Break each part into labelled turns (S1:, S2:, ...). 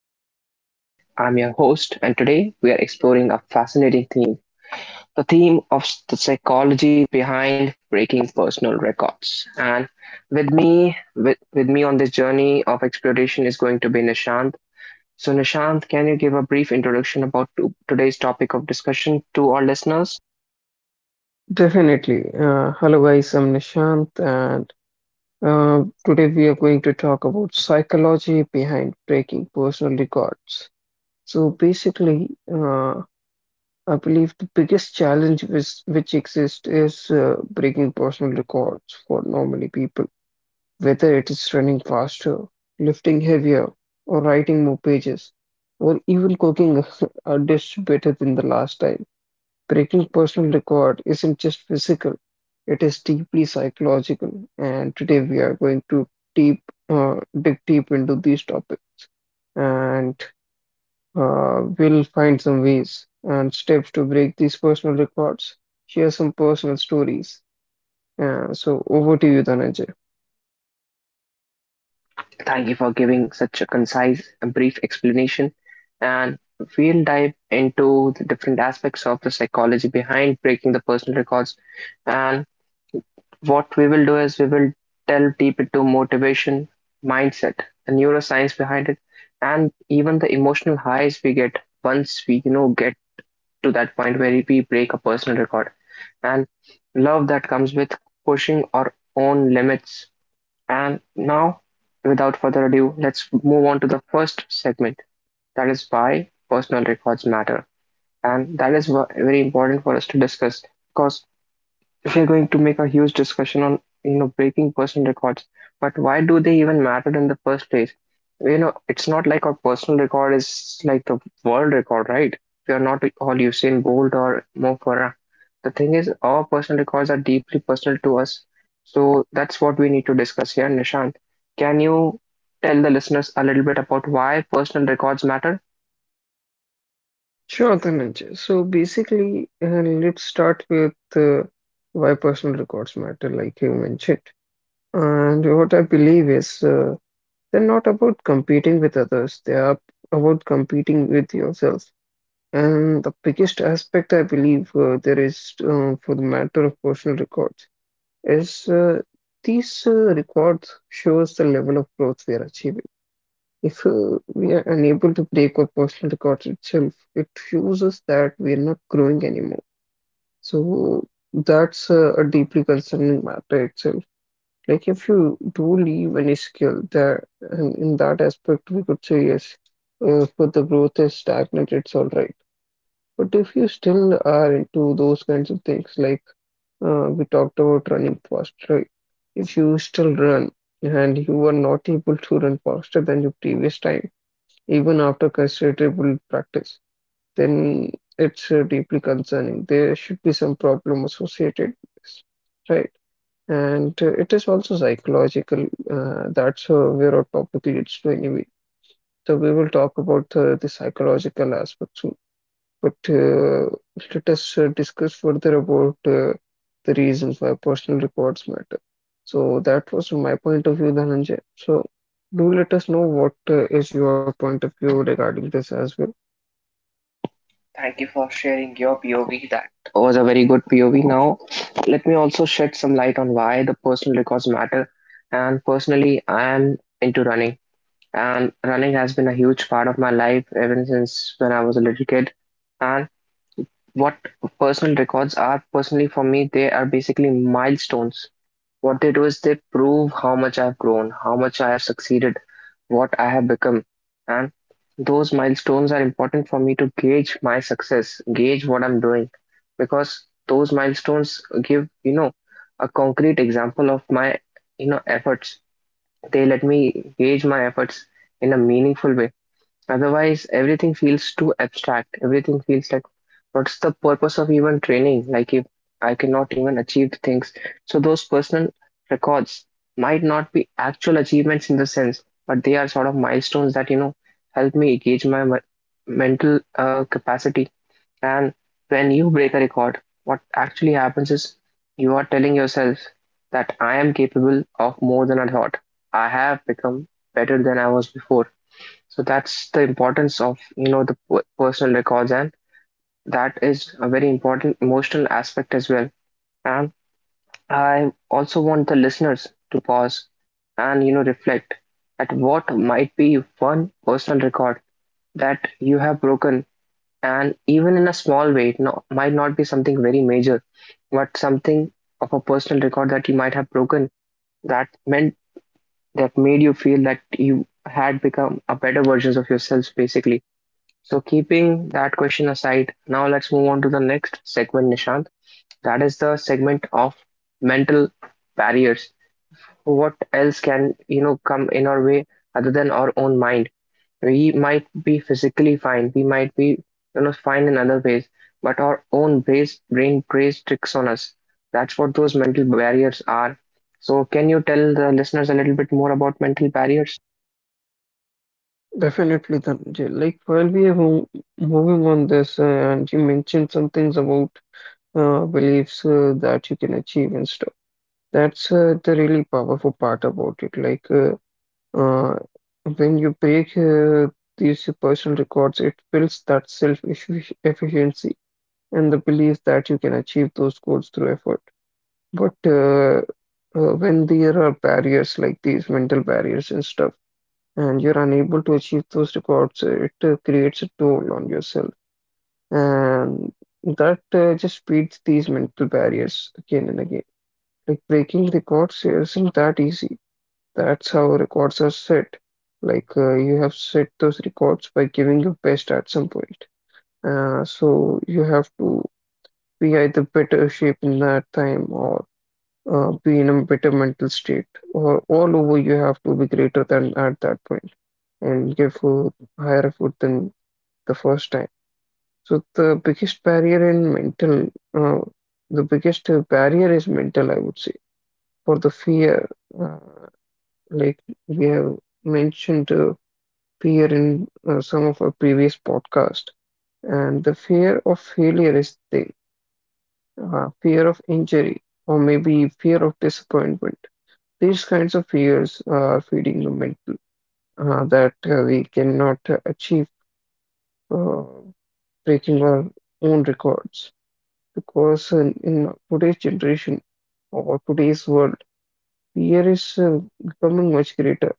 S1: This is Dhananjay. I'm your host, and today we are exploring a fascinating theme of the psychology behind breaking personal records. And with me on this journey of exploration is going to be Nishant. So, Nishant, can you give a brief introduction about today's topic of discussion to our listeners?
S2: Definitely. Hello, guys. I'm Nishant, and today we are going to talk about psychology behind breaking personal records. So basically, I believe the biggest challenge which exists is breaking personal records for normally people, whether it is running faster, lifting heavier, or writing more pages, or even cooking a dish better than the last time. Breaking personal record isn't just physical, it is deeply psychological. And today we are going to deep, dig deep into these topics and we'll find some ways and steps to break these personal records, share some personal stories. So over to you, Dhananjay.
S1: Thank you for giving such a concise and brief explanation. And we'll dive into the different aspects of the psychology behind breaking the personal records. And what we will do is we will delve deep into motivation, mindset, the neuroscience behind it, and even the emotional highs we get once we get to that point where we break a personal record. And love that comes with pushing our own limits. And now, without further ado, let's move on to the first segment, that is why personal records matter. And that is very important for us to discuss, because if you're going to make a huge discussion on breaking personal records, but why do they even matter in the first place? It's not like our personal record is like the world record, right? We are not all Usain Bolt or Mo Farah. The thing is, our personal records are deeply personal to us, so that's what we need to discuss here, Nishant. Can you tell the listeners a little bit about why personal records matter?
S2: Sure, Dhananjay. So basically, let's start with why personal records matter, like you mentioned. And what I believe is they're not about competing with others, they are about competing with yourself. And the biggest aspect I believe there is for the matter of personal records is these records shows the level of growth we are achieving. If we are unable to break our personal records itself, it shows us that we are not growing anymore. So that's a deeply concerning matter itself. Like if you do leave any skill there, and in that aspect, we could say yes, but the growth is stagnant, it's all right. But if you still are into those kinds of things, like we talked about running fast, right? If you still run and you are not able to run faster than your previous time, even after considerable practice, then it's deeply concerning. There should be some problem associated with this, right? And it is also psychological. That's where our topic leads to anyway. So we will talk about the psychological aspects, soon. But let us discuss further about the reasons why personal records matter. So that was my point of view, Dhananjay. So do let us know what is your point of view regarding this as well.
S1: Thank you for sharing your POV. That was a very good POV. Now, let me also shed some light on why the personal records matter. And personally, I am into running, and running has been a huge part of my life ever since when I was a little kid. And what personal records are personally for me, they are basically milestones. What they do is they prove how much I've grown, how much I have succeeded, what I have become. And those milestones are important for me to gauge my success, gauge what I'm doing, because those milestones give a concrete example of my efforts. They let me gauge my efforts in a meaningful way. Otherwise, everything feels too abstract. Everything feels like, what's the purpose of even training? Like, if I cannot even achieve the things. So, those personal records might not be actual achievements in the sense, but they are sort of milestones that, you know, help me gauge my mental capacity. And when you break a record, what actually happens is you are telling yourself that I am capable of more than I thought. I have become better than I was before. So that's the importance of the personal records, and that is a very important emotional aspect as well. And I also want the listeners to pause and reflect at what might be one personal record that you have broken, and even in a small way, it no, might not be something very major, but something of a personal record that you might have broken that meant that made you feel that you had become a better versions of yourselves basically. So, keeping that question aside, now let's move on to the next segment, Nishant. That is the segment of mental barriers. What else can, you know, come in our way other than our own mind? We might be physically fine, we might be, you know, fine in other ways, but our own brain plays tricks on us. That's what those mental barriers are. So, can you tell the listeners a little bit more about mental barriers?
S2: Definitely, Dhananjay. Like while we are moving on this, and you mentioned some things about beliefs that you can achieve and stuff. That's the really powerful part about it. Uh, when you break these personal records, it builds that self efficiency and the belief that you can achieve those goals through effort. But when there are barriers like these, mental barriers and stuff, and you're unable to achieve those records, it creates a toll on yourself. And that just beats these mental barriers again and again. Like breaking records isn't that easy. That's how records are set. Like you have set those records by giving your best at some point. So you have to be either better shape in that time or be in a better mental state. Or all over, you have to be greater than at that point and give a higher effort than the first time. So the biggest barrier in uh, the biggest barrier is mental, I would say, for the fear. Uh, like we have mentioned fear in some of our previous podcast, and the fear of failure is there, fear of injury or maybe fear of disappointment. These kinds of fears are feeding the mental that we cannot achieve uh, breaking our own records, because in today's generation or today's world, fear is becoming much greater,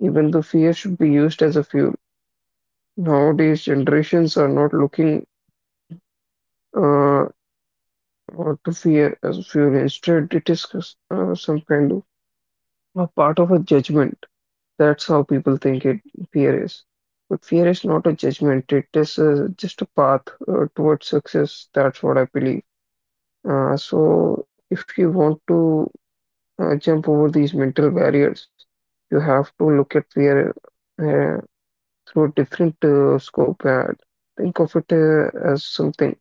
S2: even though fear should be used as a fuel. Nowadays, generations are not looking uh, to fear as fuel. Instead, it is some kind of a part of a judgment. That's how people think it fear is. But fear is not a judgment. It is just a path towards success. That's what I believe. So, if you want to jump over these mental barriers, you have to look at fear uh, through a different scope and think of it as something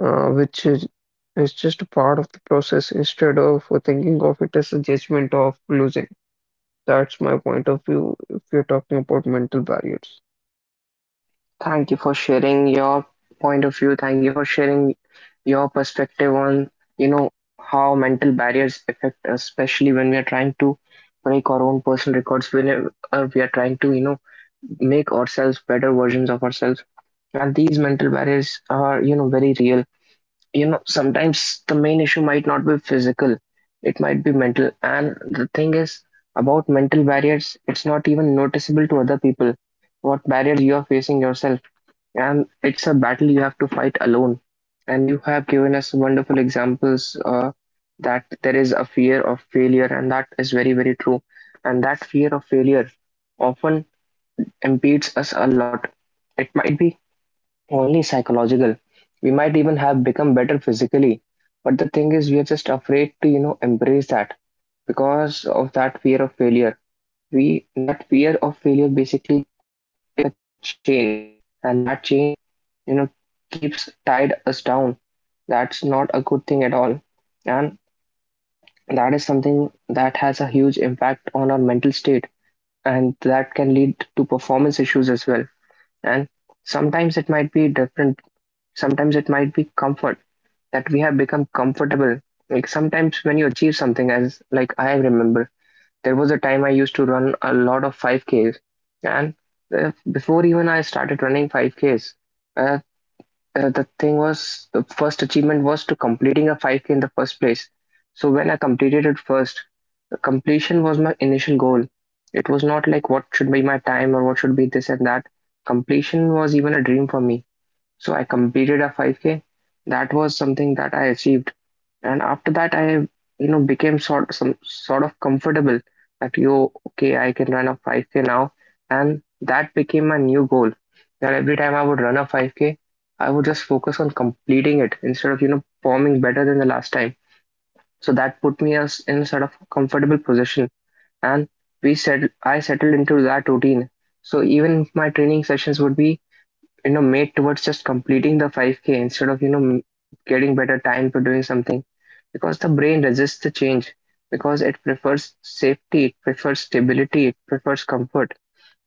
S2: uh, which is, is just a part of the process instead of thinking of it as a judgment of losing. That's my point of view if you're talking about mental barriers.
S1: Thank you for sharing your point of view. Thank you for sharing your perspective on, you know, how mental barriers affect us, especially when we are trying to break our own personal records, whenever we are trying to, you know, make ourselves better versions of ourselves. And these mental barriers are, you know, very real. You know, sometimes the main issue might not be physical, it might be mental. And the thing is about mental barriers, it's not even noticeable to other people. What barriers you are facing yourself, and it's a battle you have to fight alone. And you have given us wonderful examples that there is a fear of failure, and that is very, very true. And that fear of failure often impedes us a lot. It might be only psychological. We might even have become better physically, but the thing is, we are just afraid to, you know, embrace that because of that fear of failure. We That fear of failure basically is like a chain, and that chain you know keeps tied us down. That's not a good thing at all. And that is something that has a huge impact on our mental state, and that can lead to performance issues as well. And sometimes it might be different. Sometimes it might be comfort, that we have become comfortable. Like sometimes when you achieve something, as like I remember, there was a time I used to run a lot of 5Ks. And before even I started running 5Ks, the thing was, the first achievement was to completing a 5K in the first place. So when I completed it first, completion was my initial goal. It was not like what should be my time or what should be this and that. Completion was even a dream for me. So I completed a 5K. That was something that I achieved. And after that, I became sort some sort of comfortable, that yo, okay, I can run a 5K now. And that became my new goal. That every time I would run a 5K, I would just focus on completing it instead of, you know, performing better than the last time. So that put me as in sort of a comfortable position. And I settled into that routine. So even my training sessions would be made towards just completing the 5K instead of getting better time for doing something, because the brain resists the change, because it prefers safety, it prefers stability, it prefers comfort.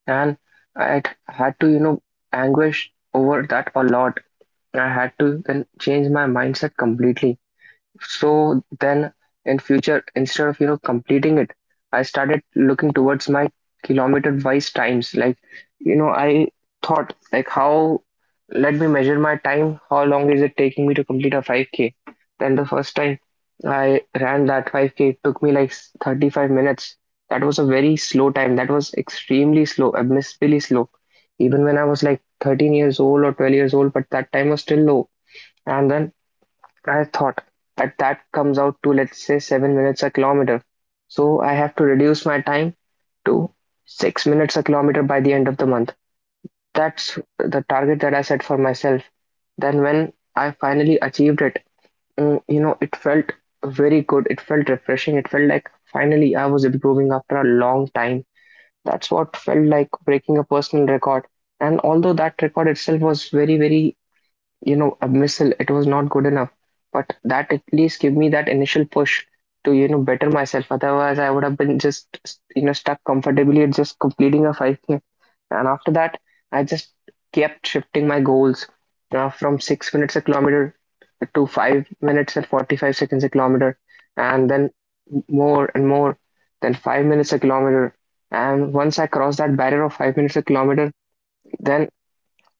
S1: And I had to anguish over that a lot. I had to then change my mindset completely. So then in future, instead of completing it, I started looking towards my kilometer wise times. Like, you know, I thought like, how let me measure my time, how long is it taking me to complete a 5K? Then the first time I ran that 5K, it took me like 35 minutes. That was a very slow time. That was extremely slow, abysmally slow. Even when I was like 13 years old or 12 years old, but that time was still low. And then I thought that that comes out to let's say 7 minutes a kilometer. So I have to reduce my time to 6 minutes a kilometer by the end of the month. That's the target that I set for myself. Then when I finally achieved it, it felt very good. It felt refreshing. It felt like finally I was improving after a long time. That's what felt like breaking a personal record. And although that record itself was very, very a missile, it was not good enough. But that at least gave me that initial push to, you know, better myself. Otherwise, I would have been just, you know, stuck comfortably at just completing a 5K. And after that, I just kept shifting my goals from 6 minutes a kilometer to 5 minutes and 45 seconds a kilometer, and then more and more, then 5 minutes a kilometer. And once I crossed that barrier of 5 minutes a kilometer, then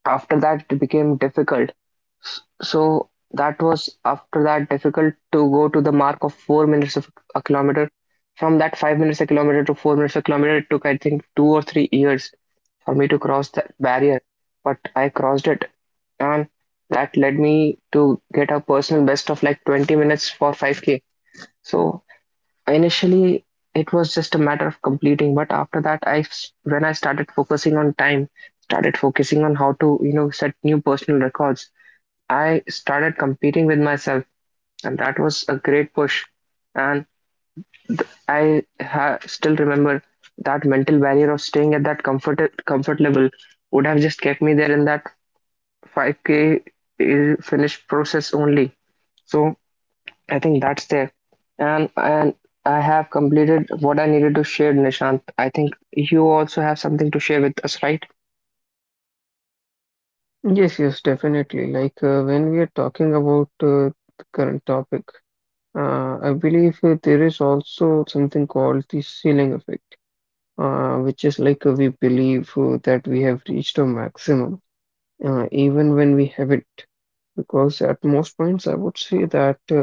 S1: after that it became difficult. So that was after that difficult to go to the mark of 4 minutes of a kilometer. From that 5 minutes a kilometer to 4 minutes a kilometer, it took I think 2 or 3 years for me to cross that barrier. But I crossed it, and that led me to get a personal best of like 20 minutes for 5K. So initially it was just a matter of completing, but after that I when I started focusing on time, started focusing on how to set new personal records. I started competing with myself, and that was a great push. And I still remember that mental barrier of staying at that comfort level would have just kept me there in that 5K k finish process only. So I think that's there. And I have completed what I needed to share, Nishant. I think you also have something to share with us, right?
S2: Yes, yes, definitely. Like when we are talking about the current topic, I believe there is also something called the ceiling effect, which is like we believe that we have reached a maximum, even when we haven't. Because at most points, I would say that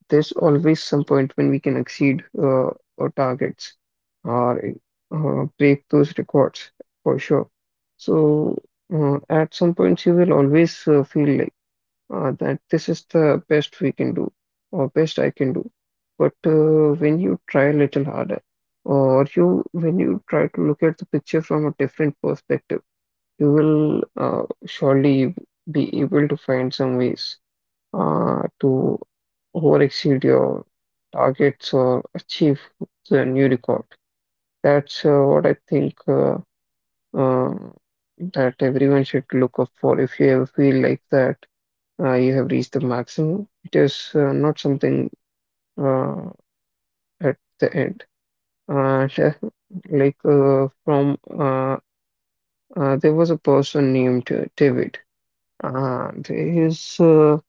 S2: there's always some point when we can exceed our targets or break those records for sure. So at some points you will always feel like that this is the best we can do or best I can do. But when you try a little harder or you when you try to look at the picture from a different perspective, you will surely be able to find some ways to overexceed your targets or achieve the new record. That's what I think uh, that everyone should look up for. If you ever feel like that you have reached the maximum, it is not something uh, at the end. And like from there was a person named David, and his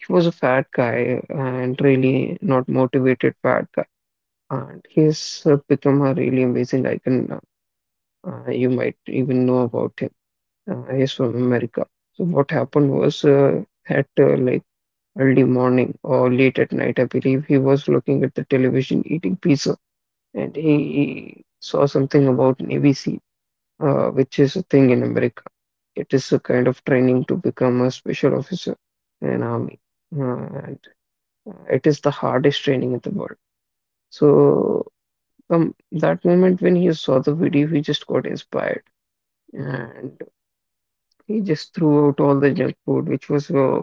S2: he was a fat guy and really not motivated fat guy, and he's become a really amazing icon now. You might even know about him. He's from America. So what happened was, at like early morning or late at night, I believe he was looking at the television eating pizza, and he saw something about Navy SEAL, which is a thing in America. It is a kind of training to become a special officer in army, uh, and it is the hardest training in the world. So from that moment when he saw the video, he just got inspired, and he just threw out all the junk food which was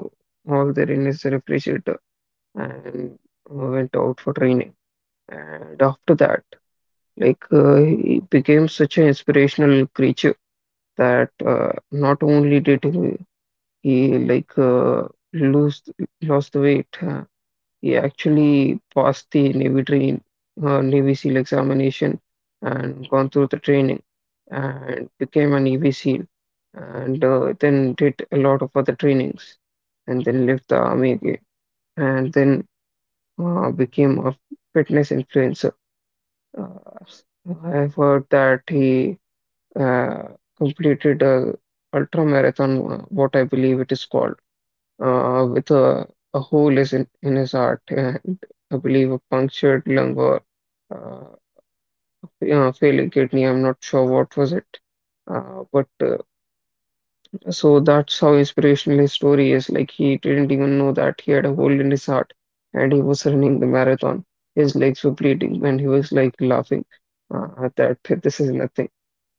S2: all there in his refrigerator, and went out for training. And after that, like he became such an inspirational creature that not only did he like lose lost the weight. He actually passed the Navy SEAL examination and gone through the training and became a Navy SEAL, and then did a lot of other trainings, and then left the army again, and then became a fitness influencer. Uh, I've heard that he uh, completed a ultra marathon, what I believe it is called, uh, with a, a hole is in his heart and I believe a punctured lung or uh, failing kidney. I'm not sure what was it. But so that's how inspirational his story is. Like he didn't even know that he had a hole in his heart and he was running the marathon. His legs were bleeding and he was like laughing that this is nothing.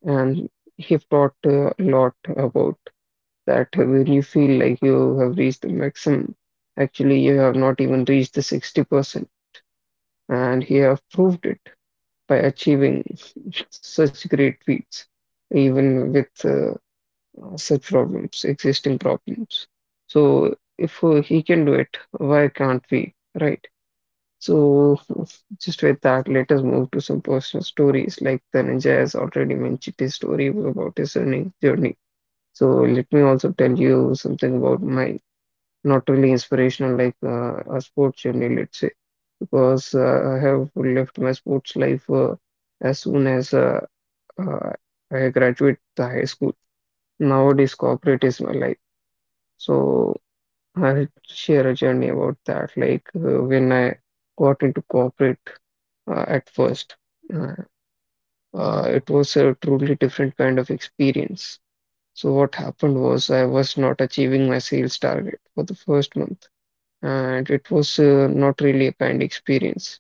S2: And he taught a lot about that when you feel like you have reached the maximum, actually you have not even reached the 60%, and he have proved it by achieving such great feats, even with such problems, existing problems. So if he can do it, why can't we, right? So just with that, let us move to some personal stories. Like the ninja has already mentioned, his story was about his learning journey. So let me also tell you something about my not really inspirational, like a sports journey, let's say, because I have left my sports life as soon as uh, I graduate the high school. Nowadays, corporate is my life. So I'll share a journey about that, like when I got into corporate at first. Uh, it was a truly different kind of experience. So what happened was I was not achieving my sales target for the first month, and it was not really a kind experience.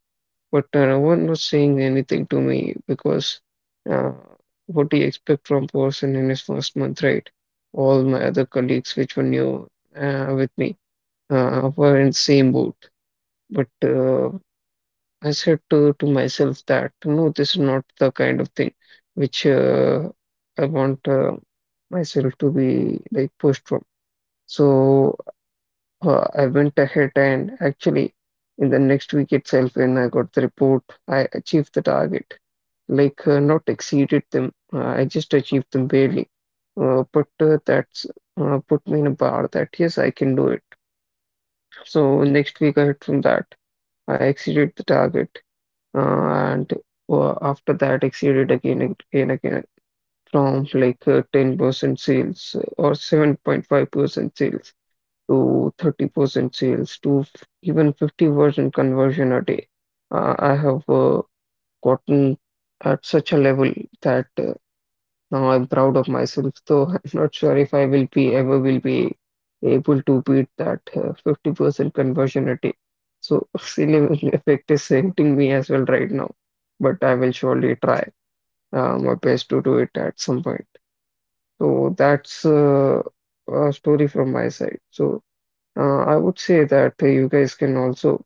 S2: But no one was saying anything to me because uh, what do you expect from person in his first month, right? All my other colleagues, which were new with me, were in same boat. But I said to, myself that no, this is not the kind of thing which I want myself to be like pushed from. So I went ahead, and actually, in the next week itself, when I got the report, I achieved the target. Like, not exceeded them. I just achieved them barely. But that's put me in a bar that yes, I can do it. So next week I hit from that. I exceeded the target, and after that exceeded again and again from 10% sales or 7.5% sales to 30% sales to even 50% conversion a day. I have gotten at such a level that now I'm proud of myself. So I'm not sure if I will be ever will be able to beat that 50% conversion a day. So ceiling effect is hitting me as well right now, but I will surely try my best to do it at some point. So that's a story from my side. So I would say that you guys can also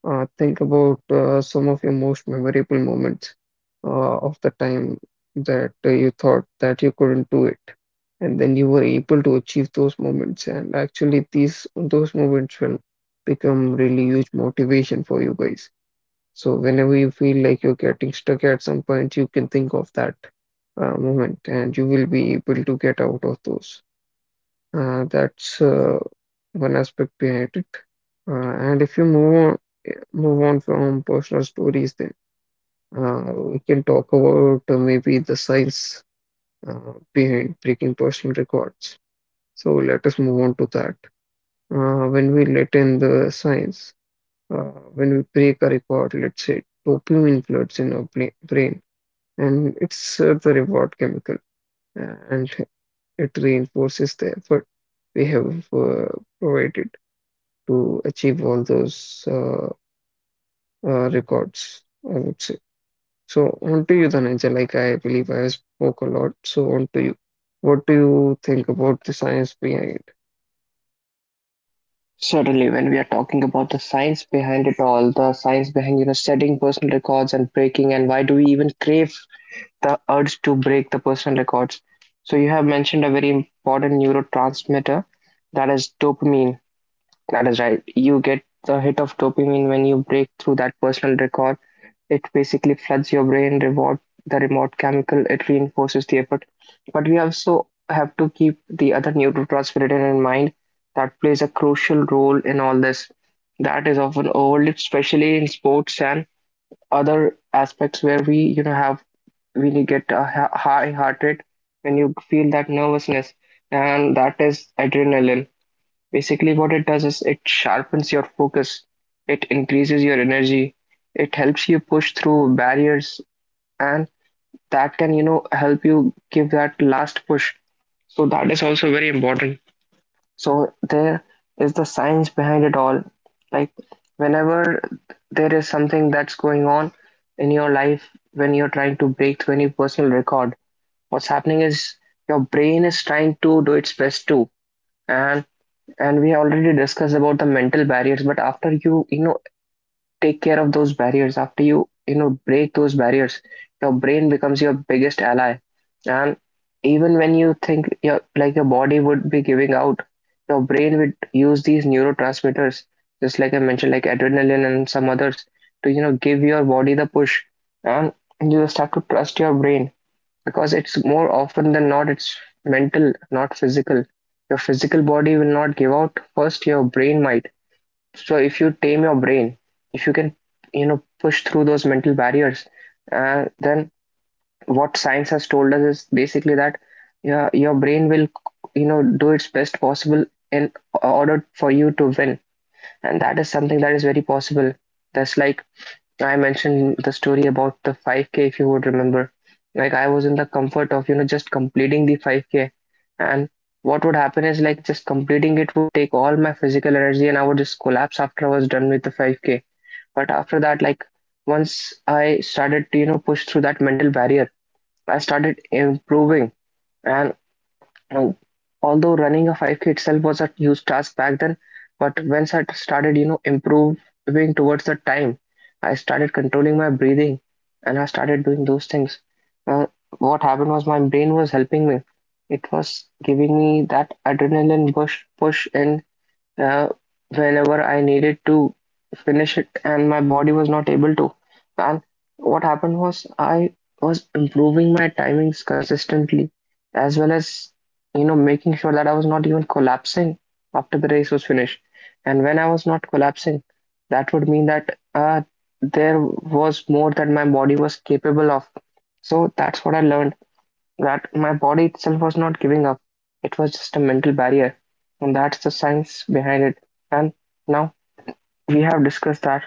S2: think about some of your most memorable moments of the time that you thought that you couldn't do it, and then you were able to achieve those moments. And actually, these those moments will become really huge motivation for you guys. So whenever you feel like you're getting stuck at some point, you can think of that moment, and you will be able to get out of those. That's one aspect behind it. Uh, and if you move on, move on from personal stories, then we can talk about maybe the science uh, behind breaking personal records. So let us move on to that. When we let in the science, uh, when we break a record, let's say dopamine floods in our brain, and it's the reward chemical, and it reinforces the effort we have provided to achieve all those records, I would say. So on to you, Dhananjay. Like I believe I spoke a lot. So on to you. What do you think about the science behind?
S1: Certainly, when we are talking about the science behind it all, the science behind setting personal records and breaking, and why do we even crave the urge to break the personal records? So you have mentioned a very important neurotransmitter that is dopamine. That is right. You get the hit of dopamine when you break through that personal record. It basically floods your brain, reward the reward chemical. It reinforces the effort. But we also have to keep the other neurotransmitter in mind that plays a crucial role in all this. That is often overlooked, especially in sports and other aspects where we have really get a high heart rate when you feel that nervousness, and that is adrenaline. Basically, what it does is it sharpens your focus, it increases your energy, it helps you push through barriers, and that can, help you give that last push. So, that is also very important. So, there is the science behind it all. Like, whenever there is something that's going on in your life, when you're trying to break through any personal record, what's happening is your brain is trying to do its best too. And and we have already discussed about the mental barriers, but after you you know take care of those barriers, after you you know break those barriers, your brain becomes your biggest ally. And even when you think your body would be giving out, your brain would use these neurotransmitters, just like I mentioned, like adrenaline and some others, to give your body the push. And you just have to trust your brain, because it's more often than not, it's mental, not physical. Your physical body will not give out first, your brain might. So if you tame your brain, if you can push through those mental barriers, then what science has told us is basically that your brain will do its best possible in order for you to win, and that is something that is very possible. That's like I mentioned the story about the 5K, if you would remember. Like, I was in the comfort of just completing the 5K. And what would happen is, like, just completing it would take all my physical energy and I would just collapse after I was done with the 5K. But after that, like, once I started to push through that mental barrier, I started improving. And now, although running a 5K itself was a huge task back then, but once I started improving towards the time, I started controlling my breathing and I started doing those things. Uh, what happened was my brain was helping me. It was giving me that adrenaline push, push in uh, whenever I needed to finish it and my body was not able to. And what happened was I was improving my timings consistently, as well as making sure that I was not even collapsing after the race was finished. And when I was not collapsing, that would mean that there was more that my body was capable of. So that's what I learned, that my body itself was not giving up. It was just a mental barrier. And that's the science behind it. And now we have discussed that.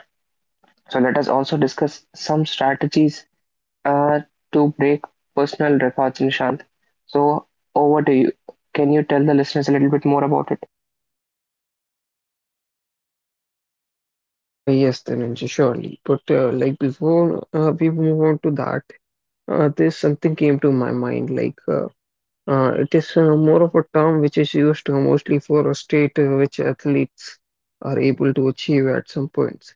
S1: So let us also discuss some strategies uh, to break personal records, Nishant. So over to you. Can you tell the listeners a little bit more about it?
S2: Yes, Dhananjay, surely. But like before we move on to that, there's something came to my mind. It is more of a term which is used mostly for a state which athletes are able to achieve at some points,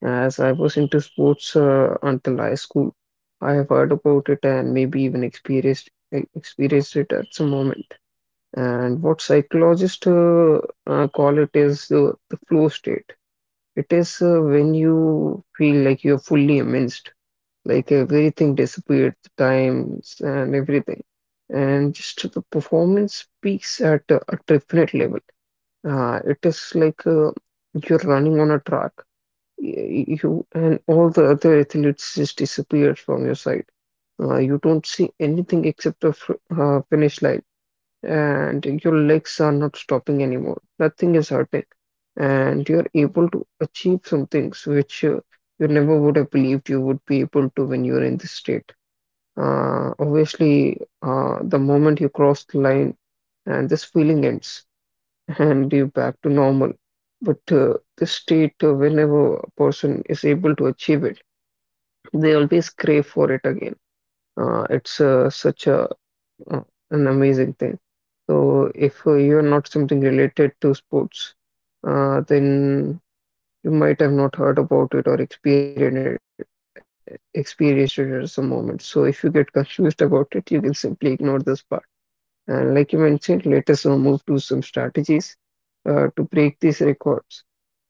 S2: as I was into sports until high school. I have heard about it and maybe even experienced it at some moment. And what psychologists call it is the flow state. It is when you feel like you're fully immersed, like everything disappeared, the times and everything. And just the performance peaks at a different level. It is like you're running on a track, you and all the other athletes just disappear from your side. You don't see anything except the finish line, and your legs are not stopping anymore. Nothing is hurting, and you're able to achieve some things which you never would have believed you would be able to when you're in this state. Obviously, the moment you cross the line, and this feeling ends and be back to normal. But the state, whenever a person is able to achieve it, they always crave for it again. It's such a uh, an amazing thing. So if you're not something related to sports, then you might have not heard about it or experienced it at some moment. So if you get confused about it, you can simply ignore this part. And like you mentioned, let us move to some strategies to break these records. So,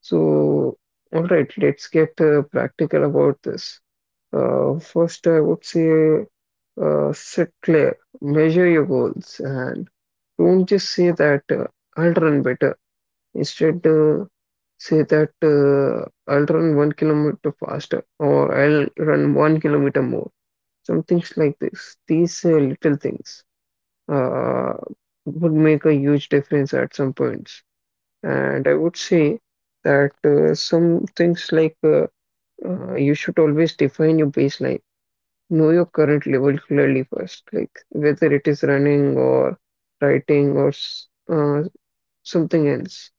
S2: all right, let's get practical about this. First, I would say set clear, measure your goals, and don't just say that I'll run better. Instead, say that I'll run one kilometer faster or I'll run one kilometer more. Some things like this. These little things uh, would make a huge difference at some points. And I would say that some things like you should always define your baseline. Know your current level clearly first, like whether it is running or writing or something else.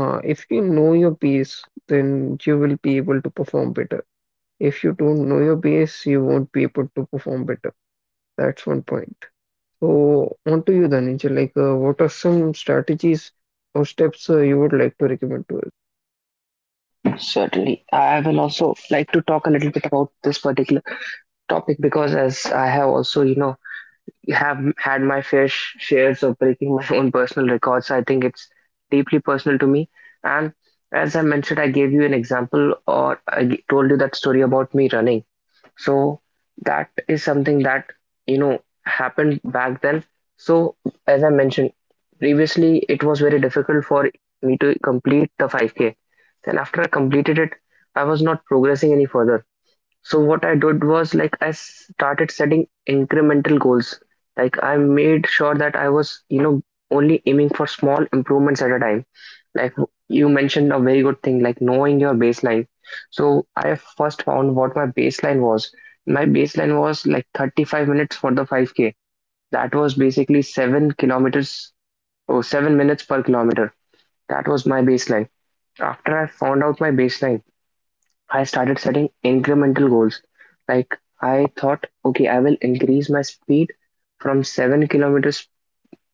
S2: If you know your base, then you will be able to perform better. If you don't know your base, you won't be able to perform better. That's one point. So, on to you, Dhananjay. Like, what are some strategies or steps you would like to recommend to us?
S1: Certainly. I will also like to talk a little bit about this particular topic, because as I have also have had my fair shares of breaking my own personal records. So I think it's deeply personal to me. And as I mentioned, I gave you an example, or told you that story about me running. So that is something that happened back then. So as I mentioned, previously it was very difficult for me to complete the 5K. Then after I completed it, I was not progressing any further. So what I did was, like, I started setting incremental goals. Like, I made sure that I was only aiming for small improvements at a time. Like you mentioned a very good thing, like knowing your baseline. So I first found what my baseline was. My baseline was like 35 minutes for the 5K. That was basically 7 kilometers, or 7 minutes per kilometer. That was my baseline. After I found out my baseline, I started setting incremental goals. Like I thought, okay, I will increase my speed from 7 kilometers,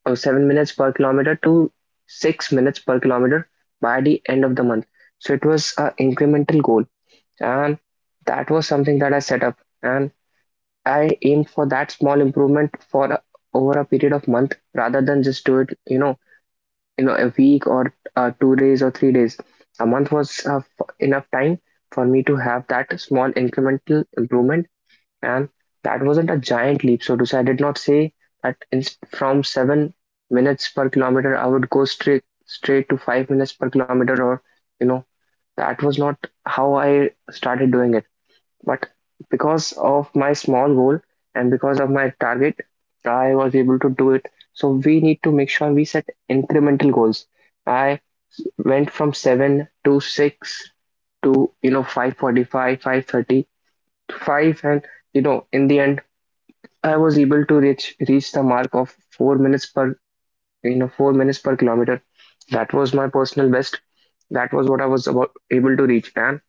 S1: or 7 minutes per kilometer, to 6 minutes per kilometer by the end of the month. So it was an incremental goal, and that was something that I set up, and I aimed for that small improvement for over a period of month, rather than just do it, a week or 2 days or 3 days. A month was enough time for me to have that small incremental improvement, and that wasn't a giant leap, so to say. I did not say that from 7 minutes per kilometer I would go straight to 5 minutes per kilometer, or you know that was not how I started doing it. But because of my small goal, and because of my target, I was able to do it. So we need to make sure we set incremental goals. I went from seven to six to 5:45, 5:35, and in the end I was able to reach the mark of four minutes per kilometer. That was my personal best. That was what I was about able to reach, and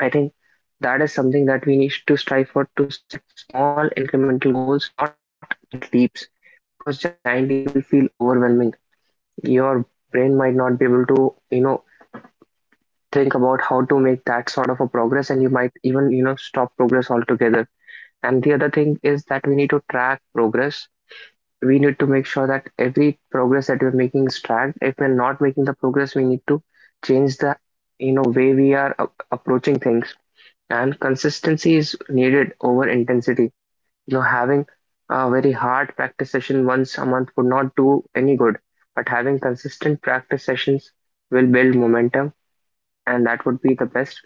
S1: I think that is something that we need to strive for, to set small incremental goals, not giant leaps, because giant leaps will feel overwhelming. Your brain might not be able to think about how to make that sort of a progress, and you might even stop progress altogether. And the other thing is that we need to track progress. We need to make sure that every progress that we're making is tracked. If we're not making the progress, we need to change the way we are approaching things, and consistency is needed over intensity. Having a very hard practice session once a month would not do any good, but having consistent practice sessions will build momentum, and that would be the best.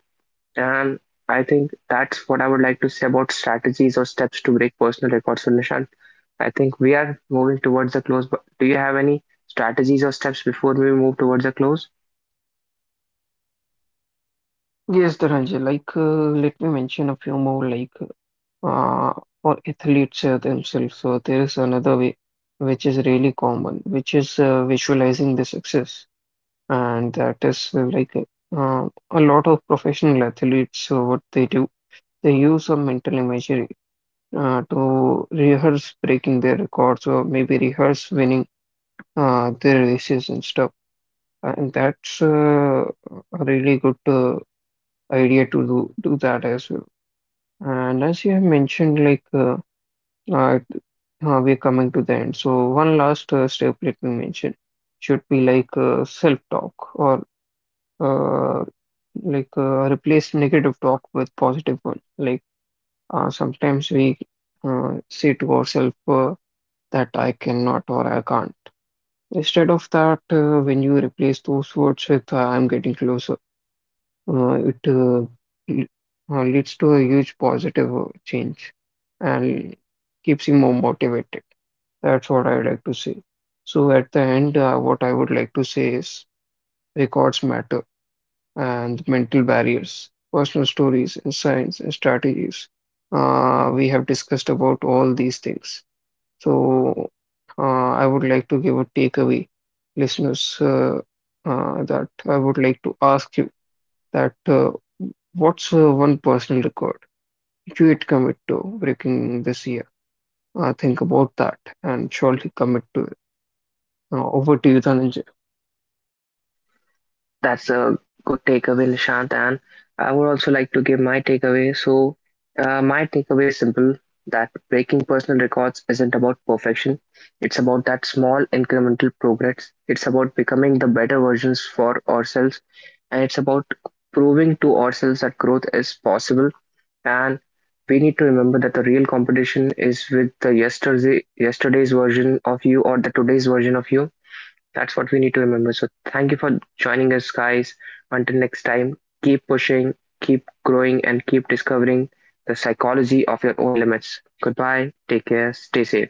S1: And I think that's what I would like to say about strategies or steps to break personal records. So, Nishant, I think we are moving towards the close. But do you have any strategies or steps before we move towards the close?
S2: Yes, Dhananjay, let me mention a few more. Uh, for athletes themselves, so there is another way which is really common, which is visualizing the success, and that is a lot of professional athletes. So what they do, they use a mental imagery to rehearse breaking their records or maybe rehearse winning their races and stuff. And that's a really good idea to do that as well. And as you have mentioned, uh, we're coming to the end. So one last step, let me mention, should be like self-talk or uh, replace negative talk with positive one. Like sometimes we say to ourselves that I cannot or I can't. Instead of that, when you replace those words with I'm getting closer, it l- leads to a huge positive change and keeps you more motivated. That's what I would like to say. So at the end, what I would like to say is records matter and mental barriers, personal stories, insights, and strategies. We have discussed about all these things. So I would like to give a takeaway, listeners, that I would like to ask you that what's one personal record you'd commit to breaking this year? Think about that and surely commit to it. Over to you, Dhananjay.
S1: That's a good takeaway, Nishant. And I would also like to give my takeaway. So, my takeaway is simple, that breaking personal records isn't about perfection. It's about that small incremental progress. It's about becoming the better versions for ourselves. And it's about proving to ourselves that growth is possible. And we need to remember that the real competition is with the yesterday's version of you, or the today's version of you. That's what we need to remember. So thank you for joining us, guys. Until next time, keep pushing, keep growing, and keep discovering the psychology of your own limits. Goodbye. Take care. Stay safe.